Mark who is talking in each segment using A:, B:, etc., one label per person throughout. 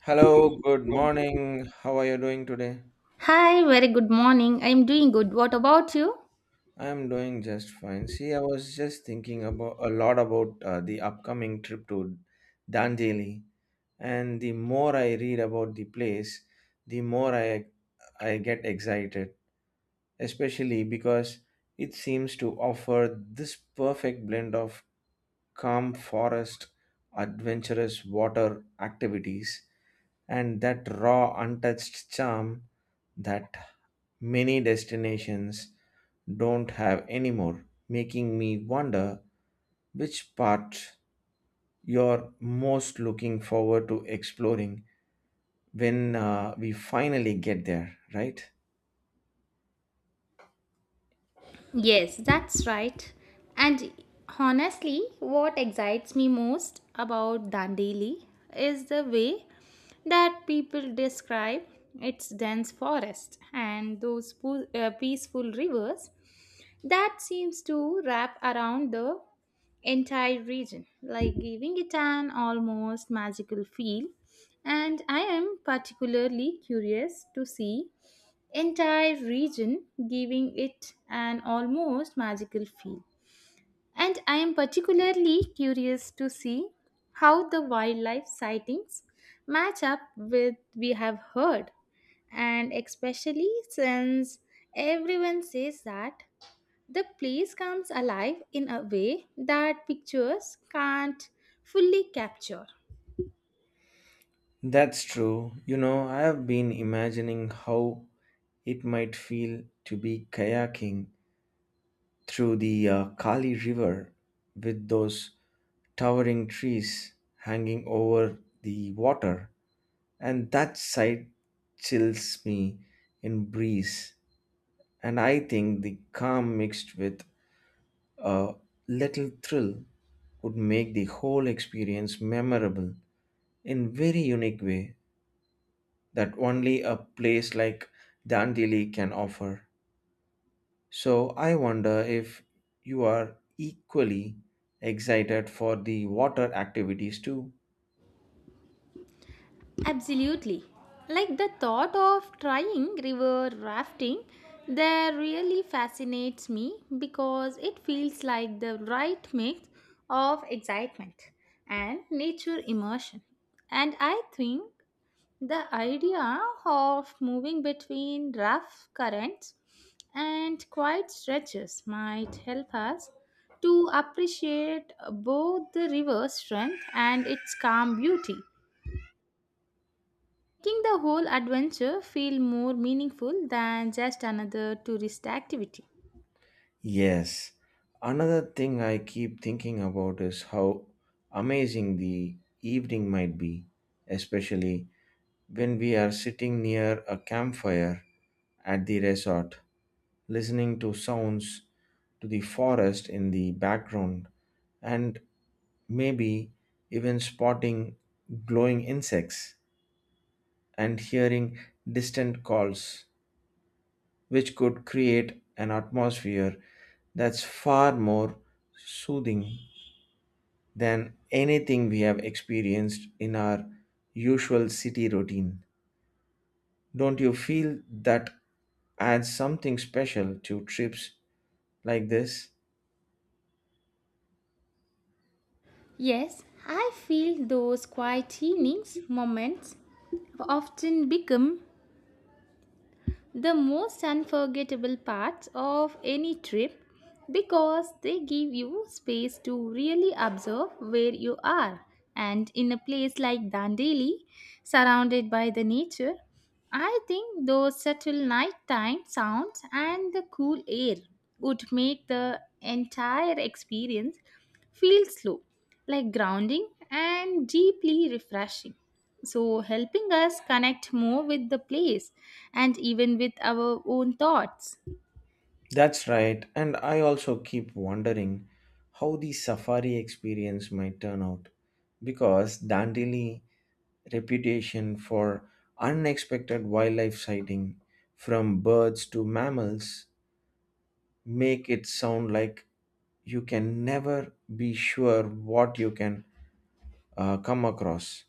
A: Hello, good morning. How are you doing today?
B: Hi, very good morning. I'm doing good. What about you?
A: I'm doing just fine. See, I was just thinking about a lot about the upcoming trip to Danjeli, and the more I read about the place, the more I get excited, especially because it seems to offer this perfect blend of calm forest, adventurous water activities, and that raw, untouched charm that many destinations don't have anymore, making me wonder which part you're most looking forward to exploring when we finally get there, right?
B: Yes, that's right. And honestly, what excites me most about Dandeli is the way that people describe its dense forest and those peaceful rivers that seems to wrap around the entire region, like giving it an almost magical feel. And I am particularly curious to see entire region, giving it an almost magical feel. And I am particularly curious to see how the wildlife sightings match up with we have heard, and especially since everyone says that the place comes alive in a way that pictures can't fully capture.
A: That's true. You know, I have been imagining how it might feel to be kayaking through the Kali River with those towering trees hanging over the water, and that sight chills me in breeze. And I think the calm mixed with a little thrill would make the whole experience memorable in very unique way that only a place like Dandeli can offer. So I wonder if you are equally excited for the water activities too.
B: Absolutely. Like the thought of trying river rafting there really fascinates me because it feels like the right mix of excitement and nature immersion. And I think the idea of moving between rough currents and quiet stretches might help us to appreciate both the river's strength and its calm beauty, making the whole adventure feel more meaningful than just another tourist activity.
A: Yes. Another thing I keep thinking about is how amazing the evening might be, especially when we are sitting near a campfire at the resort, listening to sounds to the forest in the background, and maybe even spotting glowing insects, and hearing distant calls, which could create an atmosphere that's far more soothing than anything we have experienced in our usual city routine. Don't you feel that adds something special to trips like this?
B: Yes, I feel those quiet evenings moments often become the most unforgettable parts of any trip because they give you space to really observe where you are. And in a place like Dandeli, surrounded by the nature, I think those subtle nighttime sounds and the cool air would make the entire experience feel slow, like grounding and deeply refreshing, so helping us connect more with the place and even with our own thoughts.
A: That's right, and I also keep wondering how the safari experience might turn out because Dandeli reputation for unexpected wildlife sighting from birds to mammals make it sound like you can never be sure what you can come across,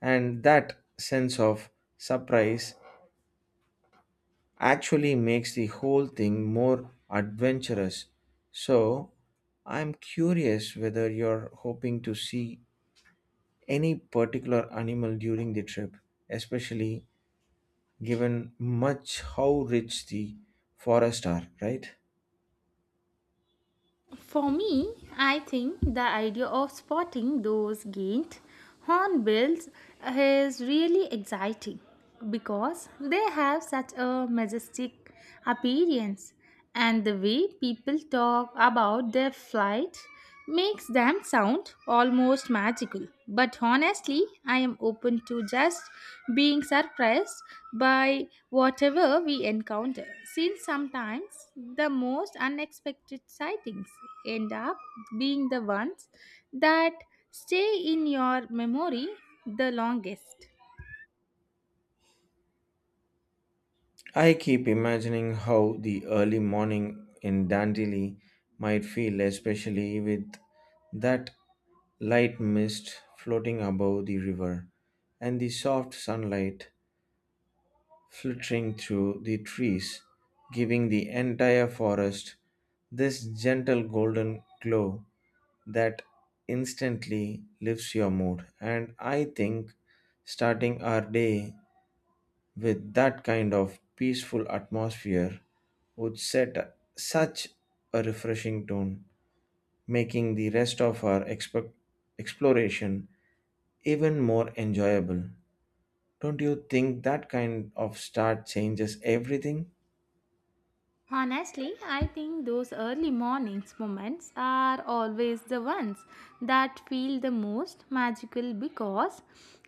A: and that sense of surprise actually makes the whole thing more adventurous. So I'm curious whether you're hoping to see any particular animal during the trip, especially given much how rich the forests are, right?
B: For me, I think the idea of spotting those giant hornbills is really exciting because they have such a majestic appearance, and the way people talk about their flight makes them sound almost magical. But honestly, I am open to just being surprised by whatever we encounter, since sometimes the most unexpected sightings end up being the ones that stay in your memory the longest.
A: I keep imagining how the early morning in Dandeli might feel, especially with that light mist floating above the river and the soft sunlight filtering through the trees, giving the entire forest this gentle golden glow that instantly lifts your mood. And I think starting our day with that kind of peaceful atmosphere would set such a refreshing tone, making the rest of our exploration even more enjoyable. Don't you think that kind of start changes everything?
B: Honestly, I think those early mornings moments are always the ones that feel the most magical because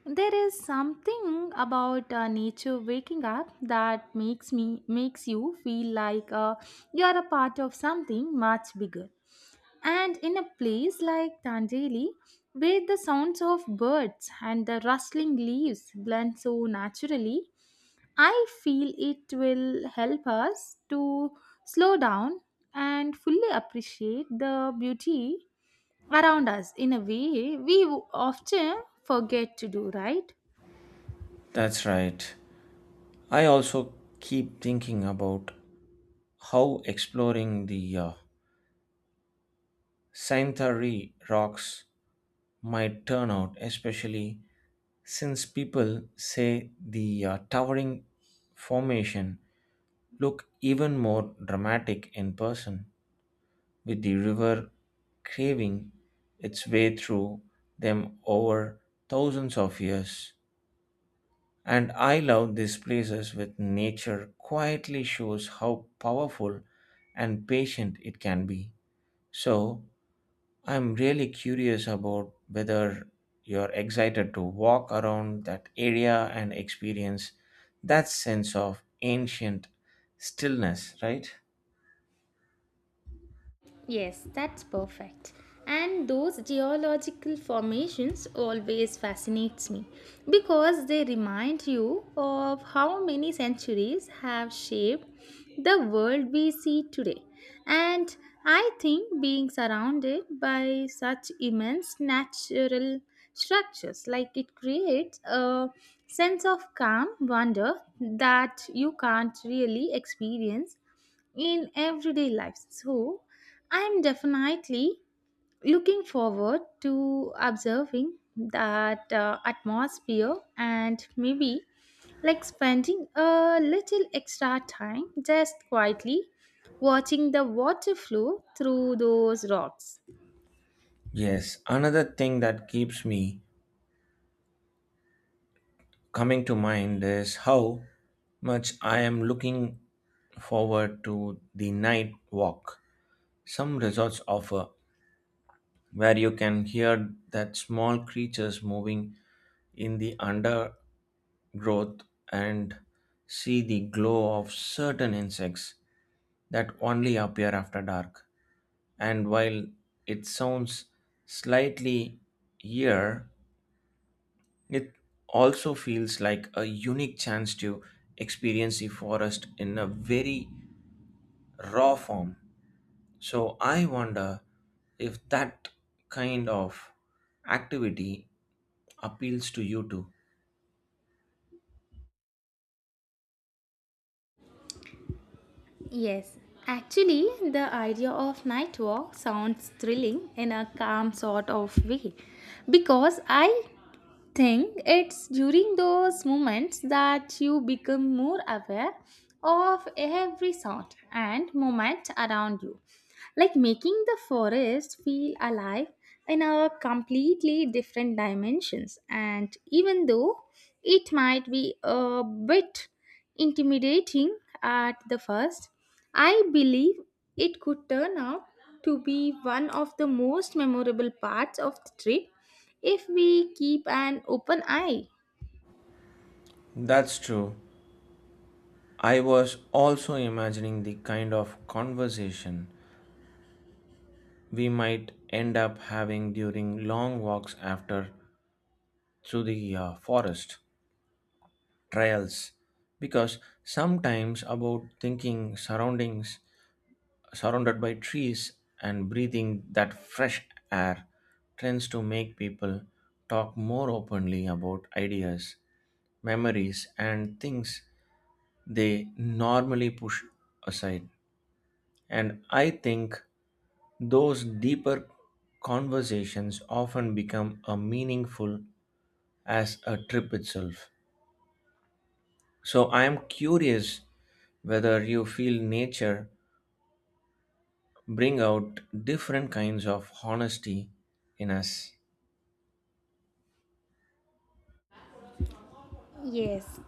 B: there is something about nature waking up that makes you feel like you are a part of something much bigger. And in a place like Tanjeli, where the sounds of birds and the rustling leaves blend so naturally, I feel it will help us to slow down and fully appreciate the beauty around us in a way we often forget to do, right?
A: That's right. I also keep thinking about how exploring the Saintari rocks might turn out, especially since people say the towering formation look even more dramatic in person, with the river craving its way through them over thousands of years. And I love these places with nature quietly shows how powerful and patient it can be. So I'm really curious about whether you're excited to walk around that area and experience that sense of ancient stillness, right?
B: Yes, that's perfect. And those geological formations always fascinates me because they remind you of how many centuries have shaped the world we see today. And I think being surrounded by such immense natural structures, like it creates a sense of calm wonder that you can't really experience in everyday life. So I'm definitely looking forward to observing that atmosphere and maybe like spending a little extra time just quietly watching the water flow through those rocks.
A: Yes, another thing that keeps me coming to mind is how much I am looking forward to the night walk. Some resorts offer where you can hear that small creatures moving in the under growth and see the glow of certain insects that only appear after dark. And while it sounds slightly eerie, it also feels like a unique chance to experience the forest in a very raw form. So I wonder if that kind of activity appeals to you too.
B: Yes, actually, the idea of night walk sounds thrilling in a calm sort of way because I think it's during those moments that you become more aware of every sound and moment around you, like making the forest feel alive in a completely different dimensions. And even though it might be a bit intimidating at the first, I believe it could turn out to be one of the most memorable parts of the trip if we keep an open eye.
A: That's true. I was also imagining the kind of conversation we might end up having during long walks after through the forest trails, because sometimes about thinking surroundings surrounded by trees and breathing that fresh air tends to make people talk more openly about ideas, memories, and things they normally push aside. And I think those deeper conversations often become a meaningful as a trip itself. So I am curious whether you feel nature bring out different kinds of honesty in us.
B: Yes,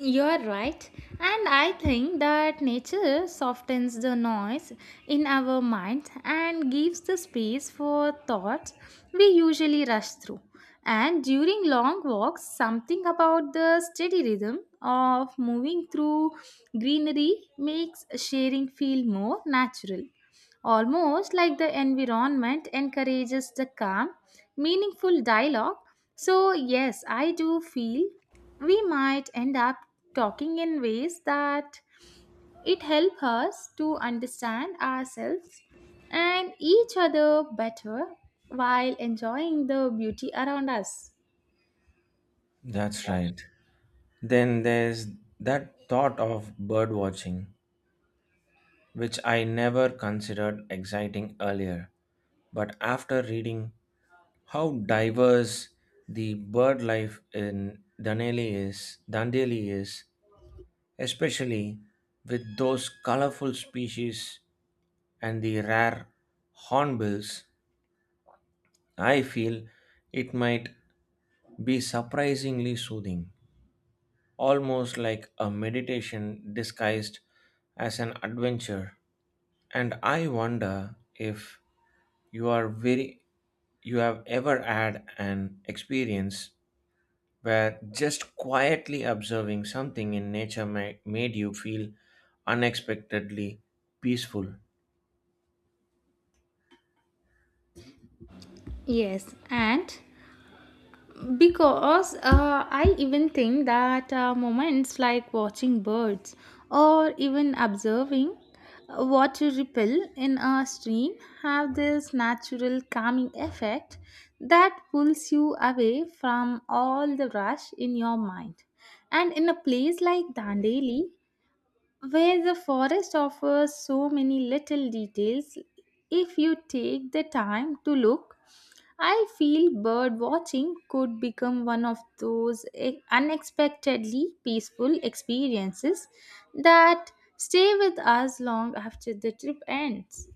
B: you're right, and I think that nature softens the noise in our minds and gives the space for thoughts we usually rush through. And during long walks, something about the steady rhythm of moving through greenery makes sharing feel more natural. Almost like the environment encourages the calm, meaningful dialogue. So, yes, I do feel we might end up talking in ways that it help us to understand ourselves and each other better while enjoying the beauty around us.
A: That's right. Then there's that thought of bird watching, which I never considered exciting earlier. But after reading how diverse the bird life in Danelli is, Dandeli is, especially with those colorful species and the rare hornbills. I feel it might be surprisingly soothing, almost like a meditation disguised as an adventure. And I wonder if you are very you have ever had an experience where just quietly observing something in nature made you feel unexpectedly peaceful.
B: Yes, and because I even think that moments like watching birds or even observing a water ripple in a stream have this natural calming effect that pulls you away from all the rush in your mind. And in a place like Dandeli, where the forest offers so many little details, if you take the time to look, I feel bird watching could become one of those unexpectedly peaceful experiences that stay with us long after the trip ends.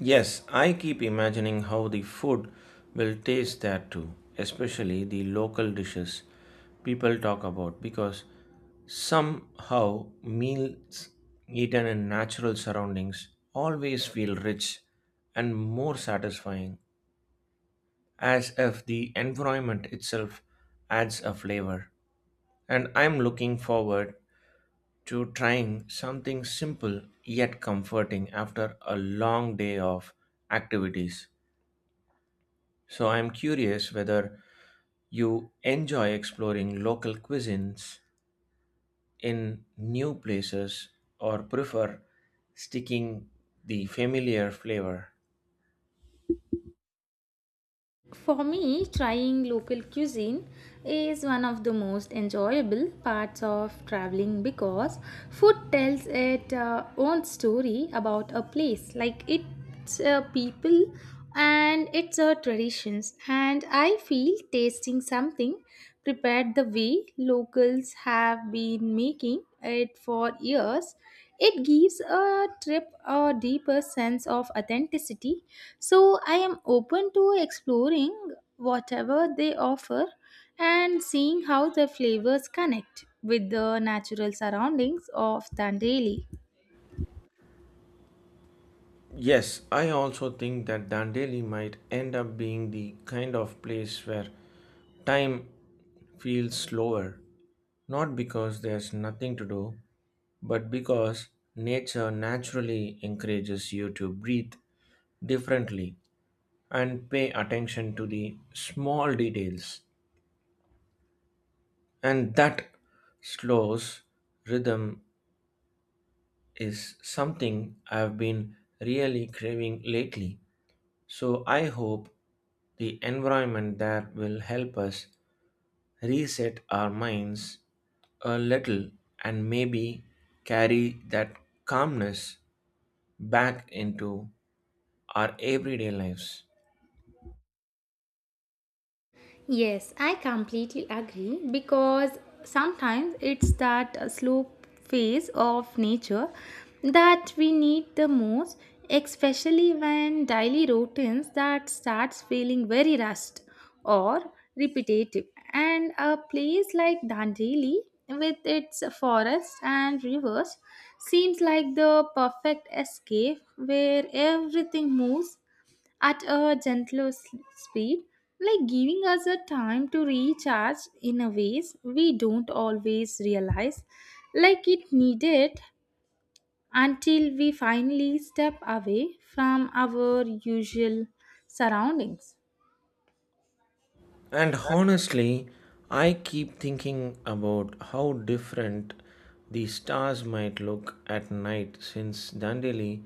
A: Yes, I keep imagining how the food will taste there too, especially the local dishes people talk about because somehow meals eaten in natural surroundings always feel rich and more satisfying, as if the environment itself adds a flavor. And I'm looking forward to trying something simple yet comforting after a long day of activities. So I'm curious whether you enjoy exploring local cuisines in new places or prefer sticking the familiar flavor.
B: For me, trying local cuisine is one of the most enjoyable parts of traveling because food tells its own story about a place, like its people and its traditions. And I feel tasting something prepared the way locals have been making it for years, it gives a trip a deeper sense of authenticity, so I am open to exploring whatever they offer and seeing how the flavors connect with the natural surroundings of Dandeli.
A: Yes, I also think that Dandeli might end up being the kind of place where time feels slower, not because there's nothing to do, but because nature naturally encourages you to breathe differently and pay attention to the small details. And that slows rhythm is something I've been really craving lately. So I hope the environment there will help us reset our minds a little and maybe carry that calmness back into our everyday lives.
B: Yes, I completely agree because sometimes it's that slow phase of nature that we need the most, especially when daily routines that starts feeling very rushed or repetitive. And a place like Dandeli with its forests and rivers seems like the perfect escape where everything moves at a gentler speed, like giving us a time to recharge in a ways we don't always realize, like it needed until we finally step away from our usual surroundings.
A: And honestly, I keep thinking about how different the stars might look at night since Dandeli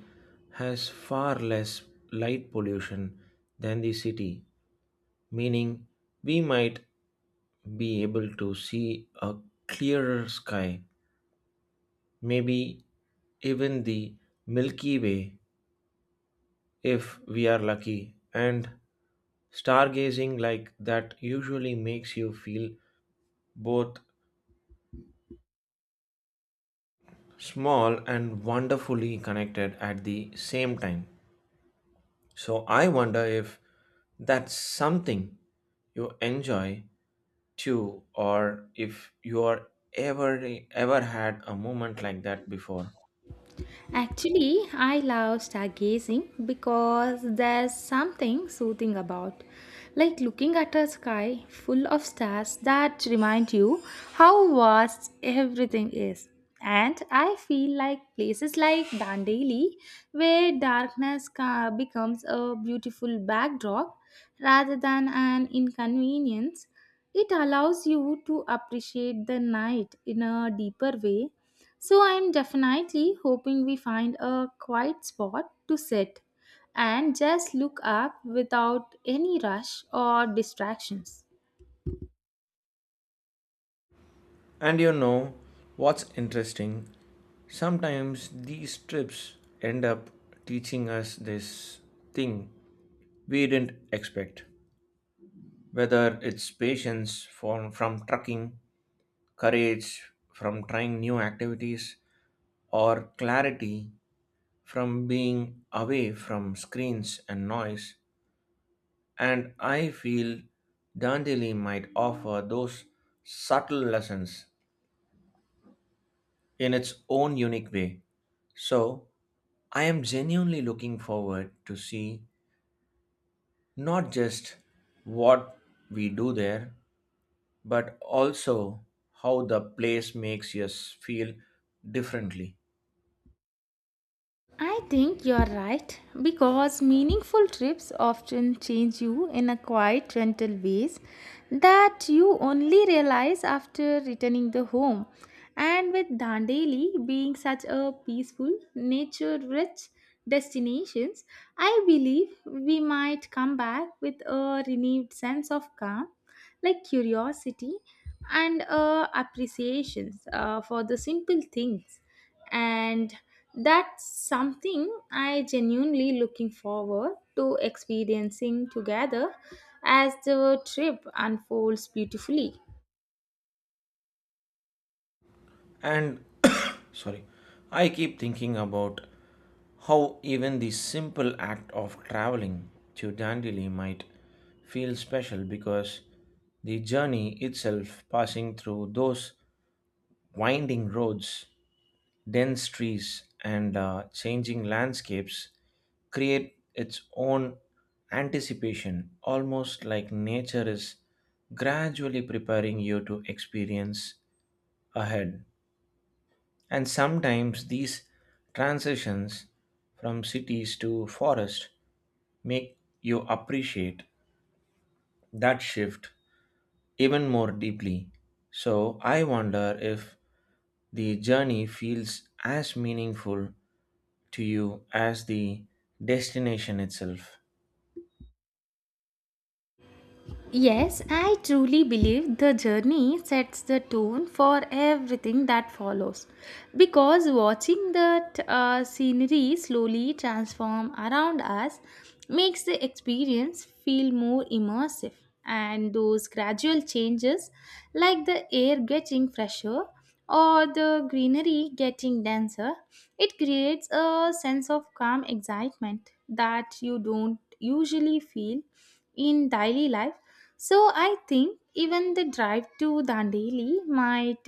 A: has far less light pollution than the city, meaning we might be able to see a clearer sky, maybe even the Milky Way if we are lucky, and stargazing like that usually makes you feel both small and wonderfully connected at the same time. So I wonder if that's something you enjoy too, or if you are ever ever had a moment like that before.
B: Actually, I love stargazing because there's something soothing about, like looking at a sky full of stars that remind you how vast everything is. And I feel like places like Dandeli, where darkness becomes a beautiful backdrop rather than an inconvenience, it allows you to appreciate the night in a deeper way, so I'm definitely hoping we find a quiet spot to sit and just look up without any rush or distractions.
A: And you know what's interesting? Sometimes these trips end up teaching us this thing we didn't expect, whether it's patience from trucking, courage from trying new activities, or clarity from being away from screens and noise. And I feel Dandeli might offer those subtle lessons in its own unique way. So, I am genuinely looking forward to see not just what we do there, but also how the place makes us feel differently.
B: I think you're right because meaningful trips often change you in a quiet, gentle ways that you only realize after returning the home. And with Dandeli being such a peaceful, nature-rich destinations, I believe we might come back with a renewed sense of calm, like curiosity and appreciations for the simple things, and that's something I genuinely looking forward to experiencing together as the trip unfolds beautifully.
A: And sorry, I keep thinking about how even the simple act of traveling to Dandeli might feel special because the journey itself, passing through those winding roads, dense trees, and changing landscapes, create its own anticipation, almost like nature is gradually preparing you to experience ahead. And sometimes these transitions from cities to forest make you appreciate that shift even more deeply. So I wonder if the journey feels as meaningful to you as the destination itself.
B: Yes, I truly believe the journey sets the tone for everything that follows. Because watching that scenery slowly transform around us makes the experience feel more immersive. And those gradual changes, like the air getting fresher or the greenery getting denser, it creates a sense of calm excitement that you don't usually feel in daily life, so I think even the drive to Dandeli might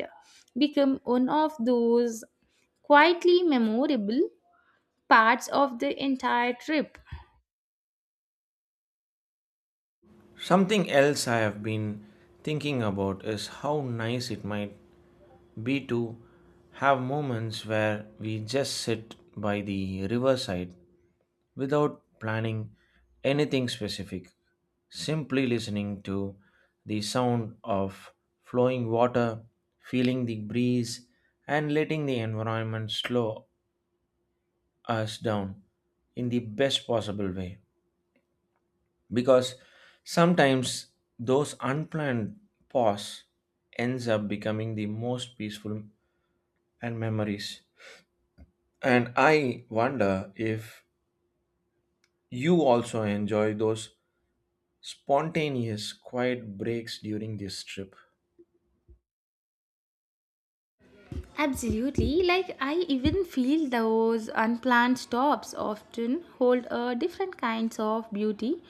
B: become one of those quietly memorable parts of the entire trip.
A: Something else I have been thinking about is how nice it might be to have moments where we just sit by the riverside without planning anything specific, simply listening to the sound of flowing water, feeling the breeze, and letting the environment slow us down in the best possible way. Because sometimes those unplanned pause ends up becoming the most peaceful and memories. And I wonder if you also enjoy those spontaneous, quiet breaks during this trip.
B: Absolutely. Like, I even feel those unplanned stops often hold a different kinds of beauty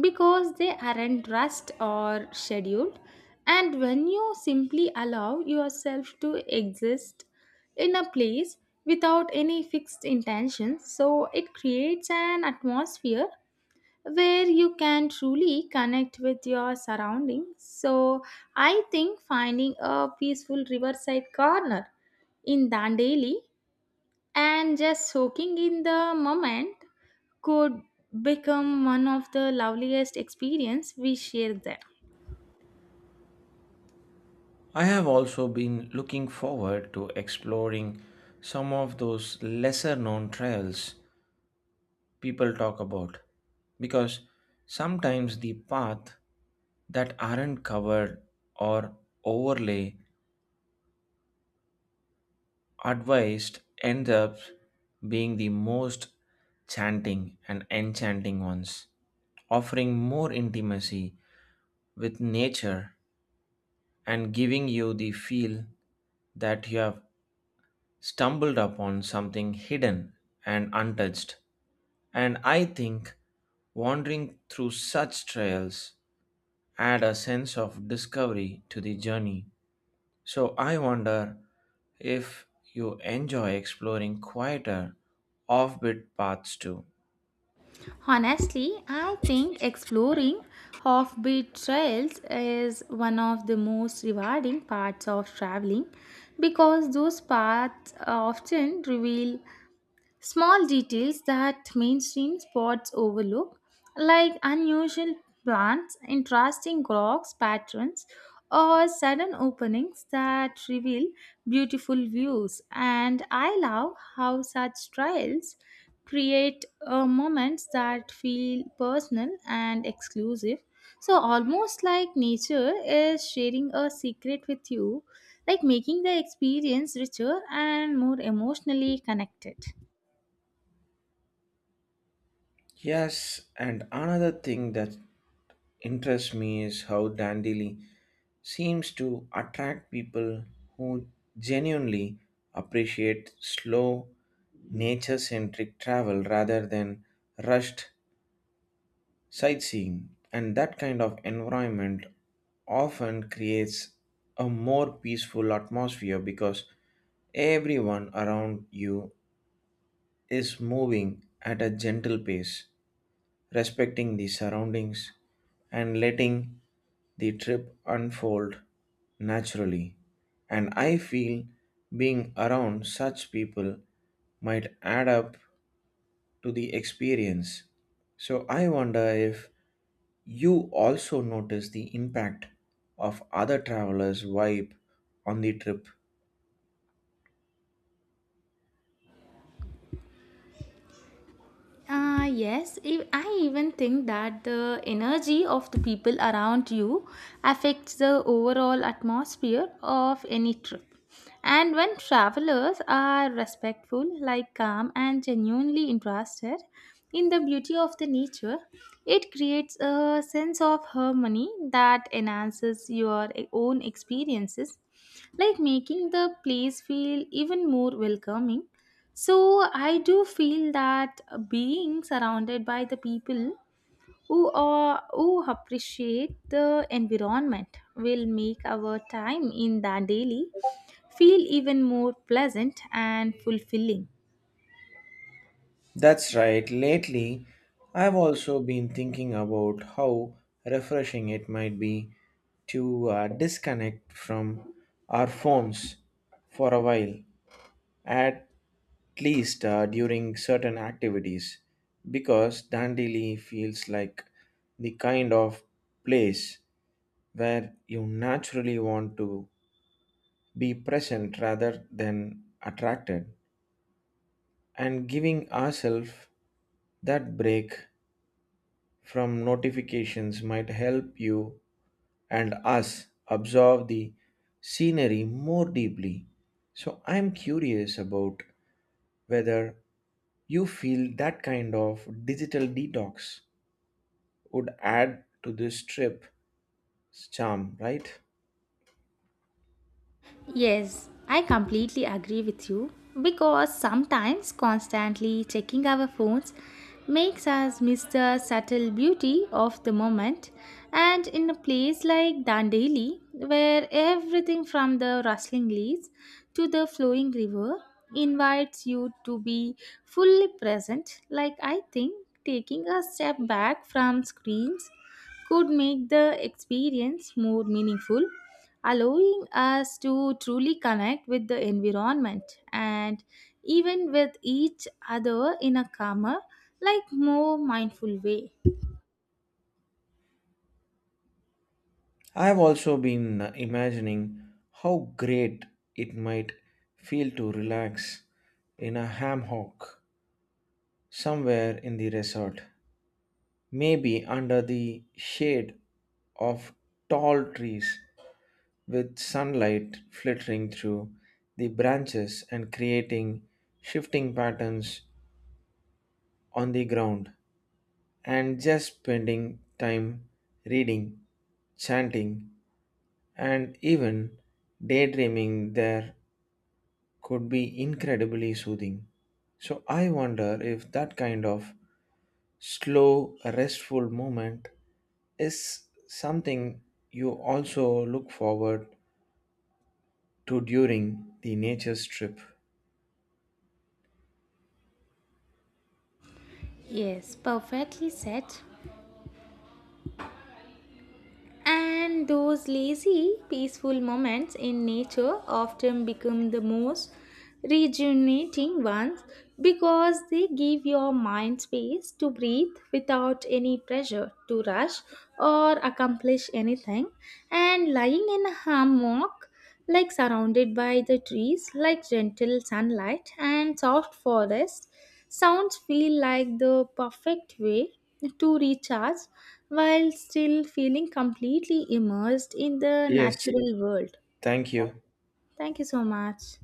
B: because they aren't rushed or scheduled. And when you simply allow yourself to exist in a place without any fixed intention, so it creates an atmosphere where you can truly connect with your surroundings. So, I think finding a peaceful riverside corner in Dandeli and just soaking in the moment could become one of the loveliest experience we share there.
A: I have also been looking forward to exploring some of those lesser known trails people talk about because sometimes the path that aren't covered or overlay advised ends up being the most chanting and enchanting ones, offering more intimacy with nature and giving you the feel that you have stumbled upon something hidden and untouched. And I think wandering through such trails add a sense of discovery to the journey. So I wonder if you enjoy exploring quieter offbeat paths too.
B: Honestly, I think exploring offbeat trails is one of the most rewarding parts of traveling because those paths often reveal small details that mainstream spots overlook, like unusual plants, interesting rocks patterns, or sudden openings that reveal beautiful views. And I love how such trials create moments that feel personal and exclusive. So, almost like nature is sharing a secret with you, like making the experience richer and more emotionally connected.
A: Yes, and another thing that interests me is how dandelion seems to attract people who genuinely appreciate slow, nature centric travel rather than rushed sightseeing. And that kind of environment often creates a more peaceful atmosphere because everyone around you is moving at a gentle pace, respecting the surroundings, and letting the trip unfold naturally. And I feel being around such people might add up to the experience. So I wonder if you also notice the impact of other travelers' vibe on the trip.
B: Yes, I even think that the energy of the people around you affects the overall atmosphere of any trip. And when travelers are respectful, like calm, and genuinely interested in the beauty of the nature, it creates a sense of harmony that enhances your own experiences, like making the place feel even more welcoming, so I do feel that being surrounded by the people who appreciate the environment will make our time in the daily feel even more pleasant and fulfilling.
A: That's right. Lately, I've also been thinking about how refreshing it might be to disconnect from our phones for a while, at least during certain activities, because Dandeli feels like the kind of place where you naturally want to be present rather than attracted, and giving ourselves that break from notifications might help you and us absorb the scenery more deeply. So I'm curious about whether you feel that kind of digital detox would add to this trip's charm, right?
B: Yes, I completely agree with you because sometimes constantly checking our phones makes us miss the subtle beauty of the moment. And in a place like Dandeli, where everything from the rustling leaves to the flowing river invites you to be fully present, like I think taking a step back from screens could make the experience more meaningful, allowing us to truly connect with the environment and even with each other in a calmer, like more mindful way.
A: I've also been imagining how great it might feel to relax in a hammock somewhere in the resort, maybe under the shade of tall trees with sunlight filtering through the branches and creating shifting patterns on the ground, and just spending time reading, chanting, and even daydreaming there could be incredibly soothing. So I wonder if that kind of slow restful moment is something you also look forward to during the nature's trip.
B: Yes, perfectly said. And those lazy, peaceful moments in nature often become the most rejuvenating ones because they give your mind space to breathe without any pressure to rush or accomplish anything. And lying in a hammock, like surrounded by the trees, like gentle sunlight and soft forest, sounds feel like the perfect way to recharge while still feeling completely immersed in the
A: Yes,
B: natural world.
A: thank you.
B: Thank you so much.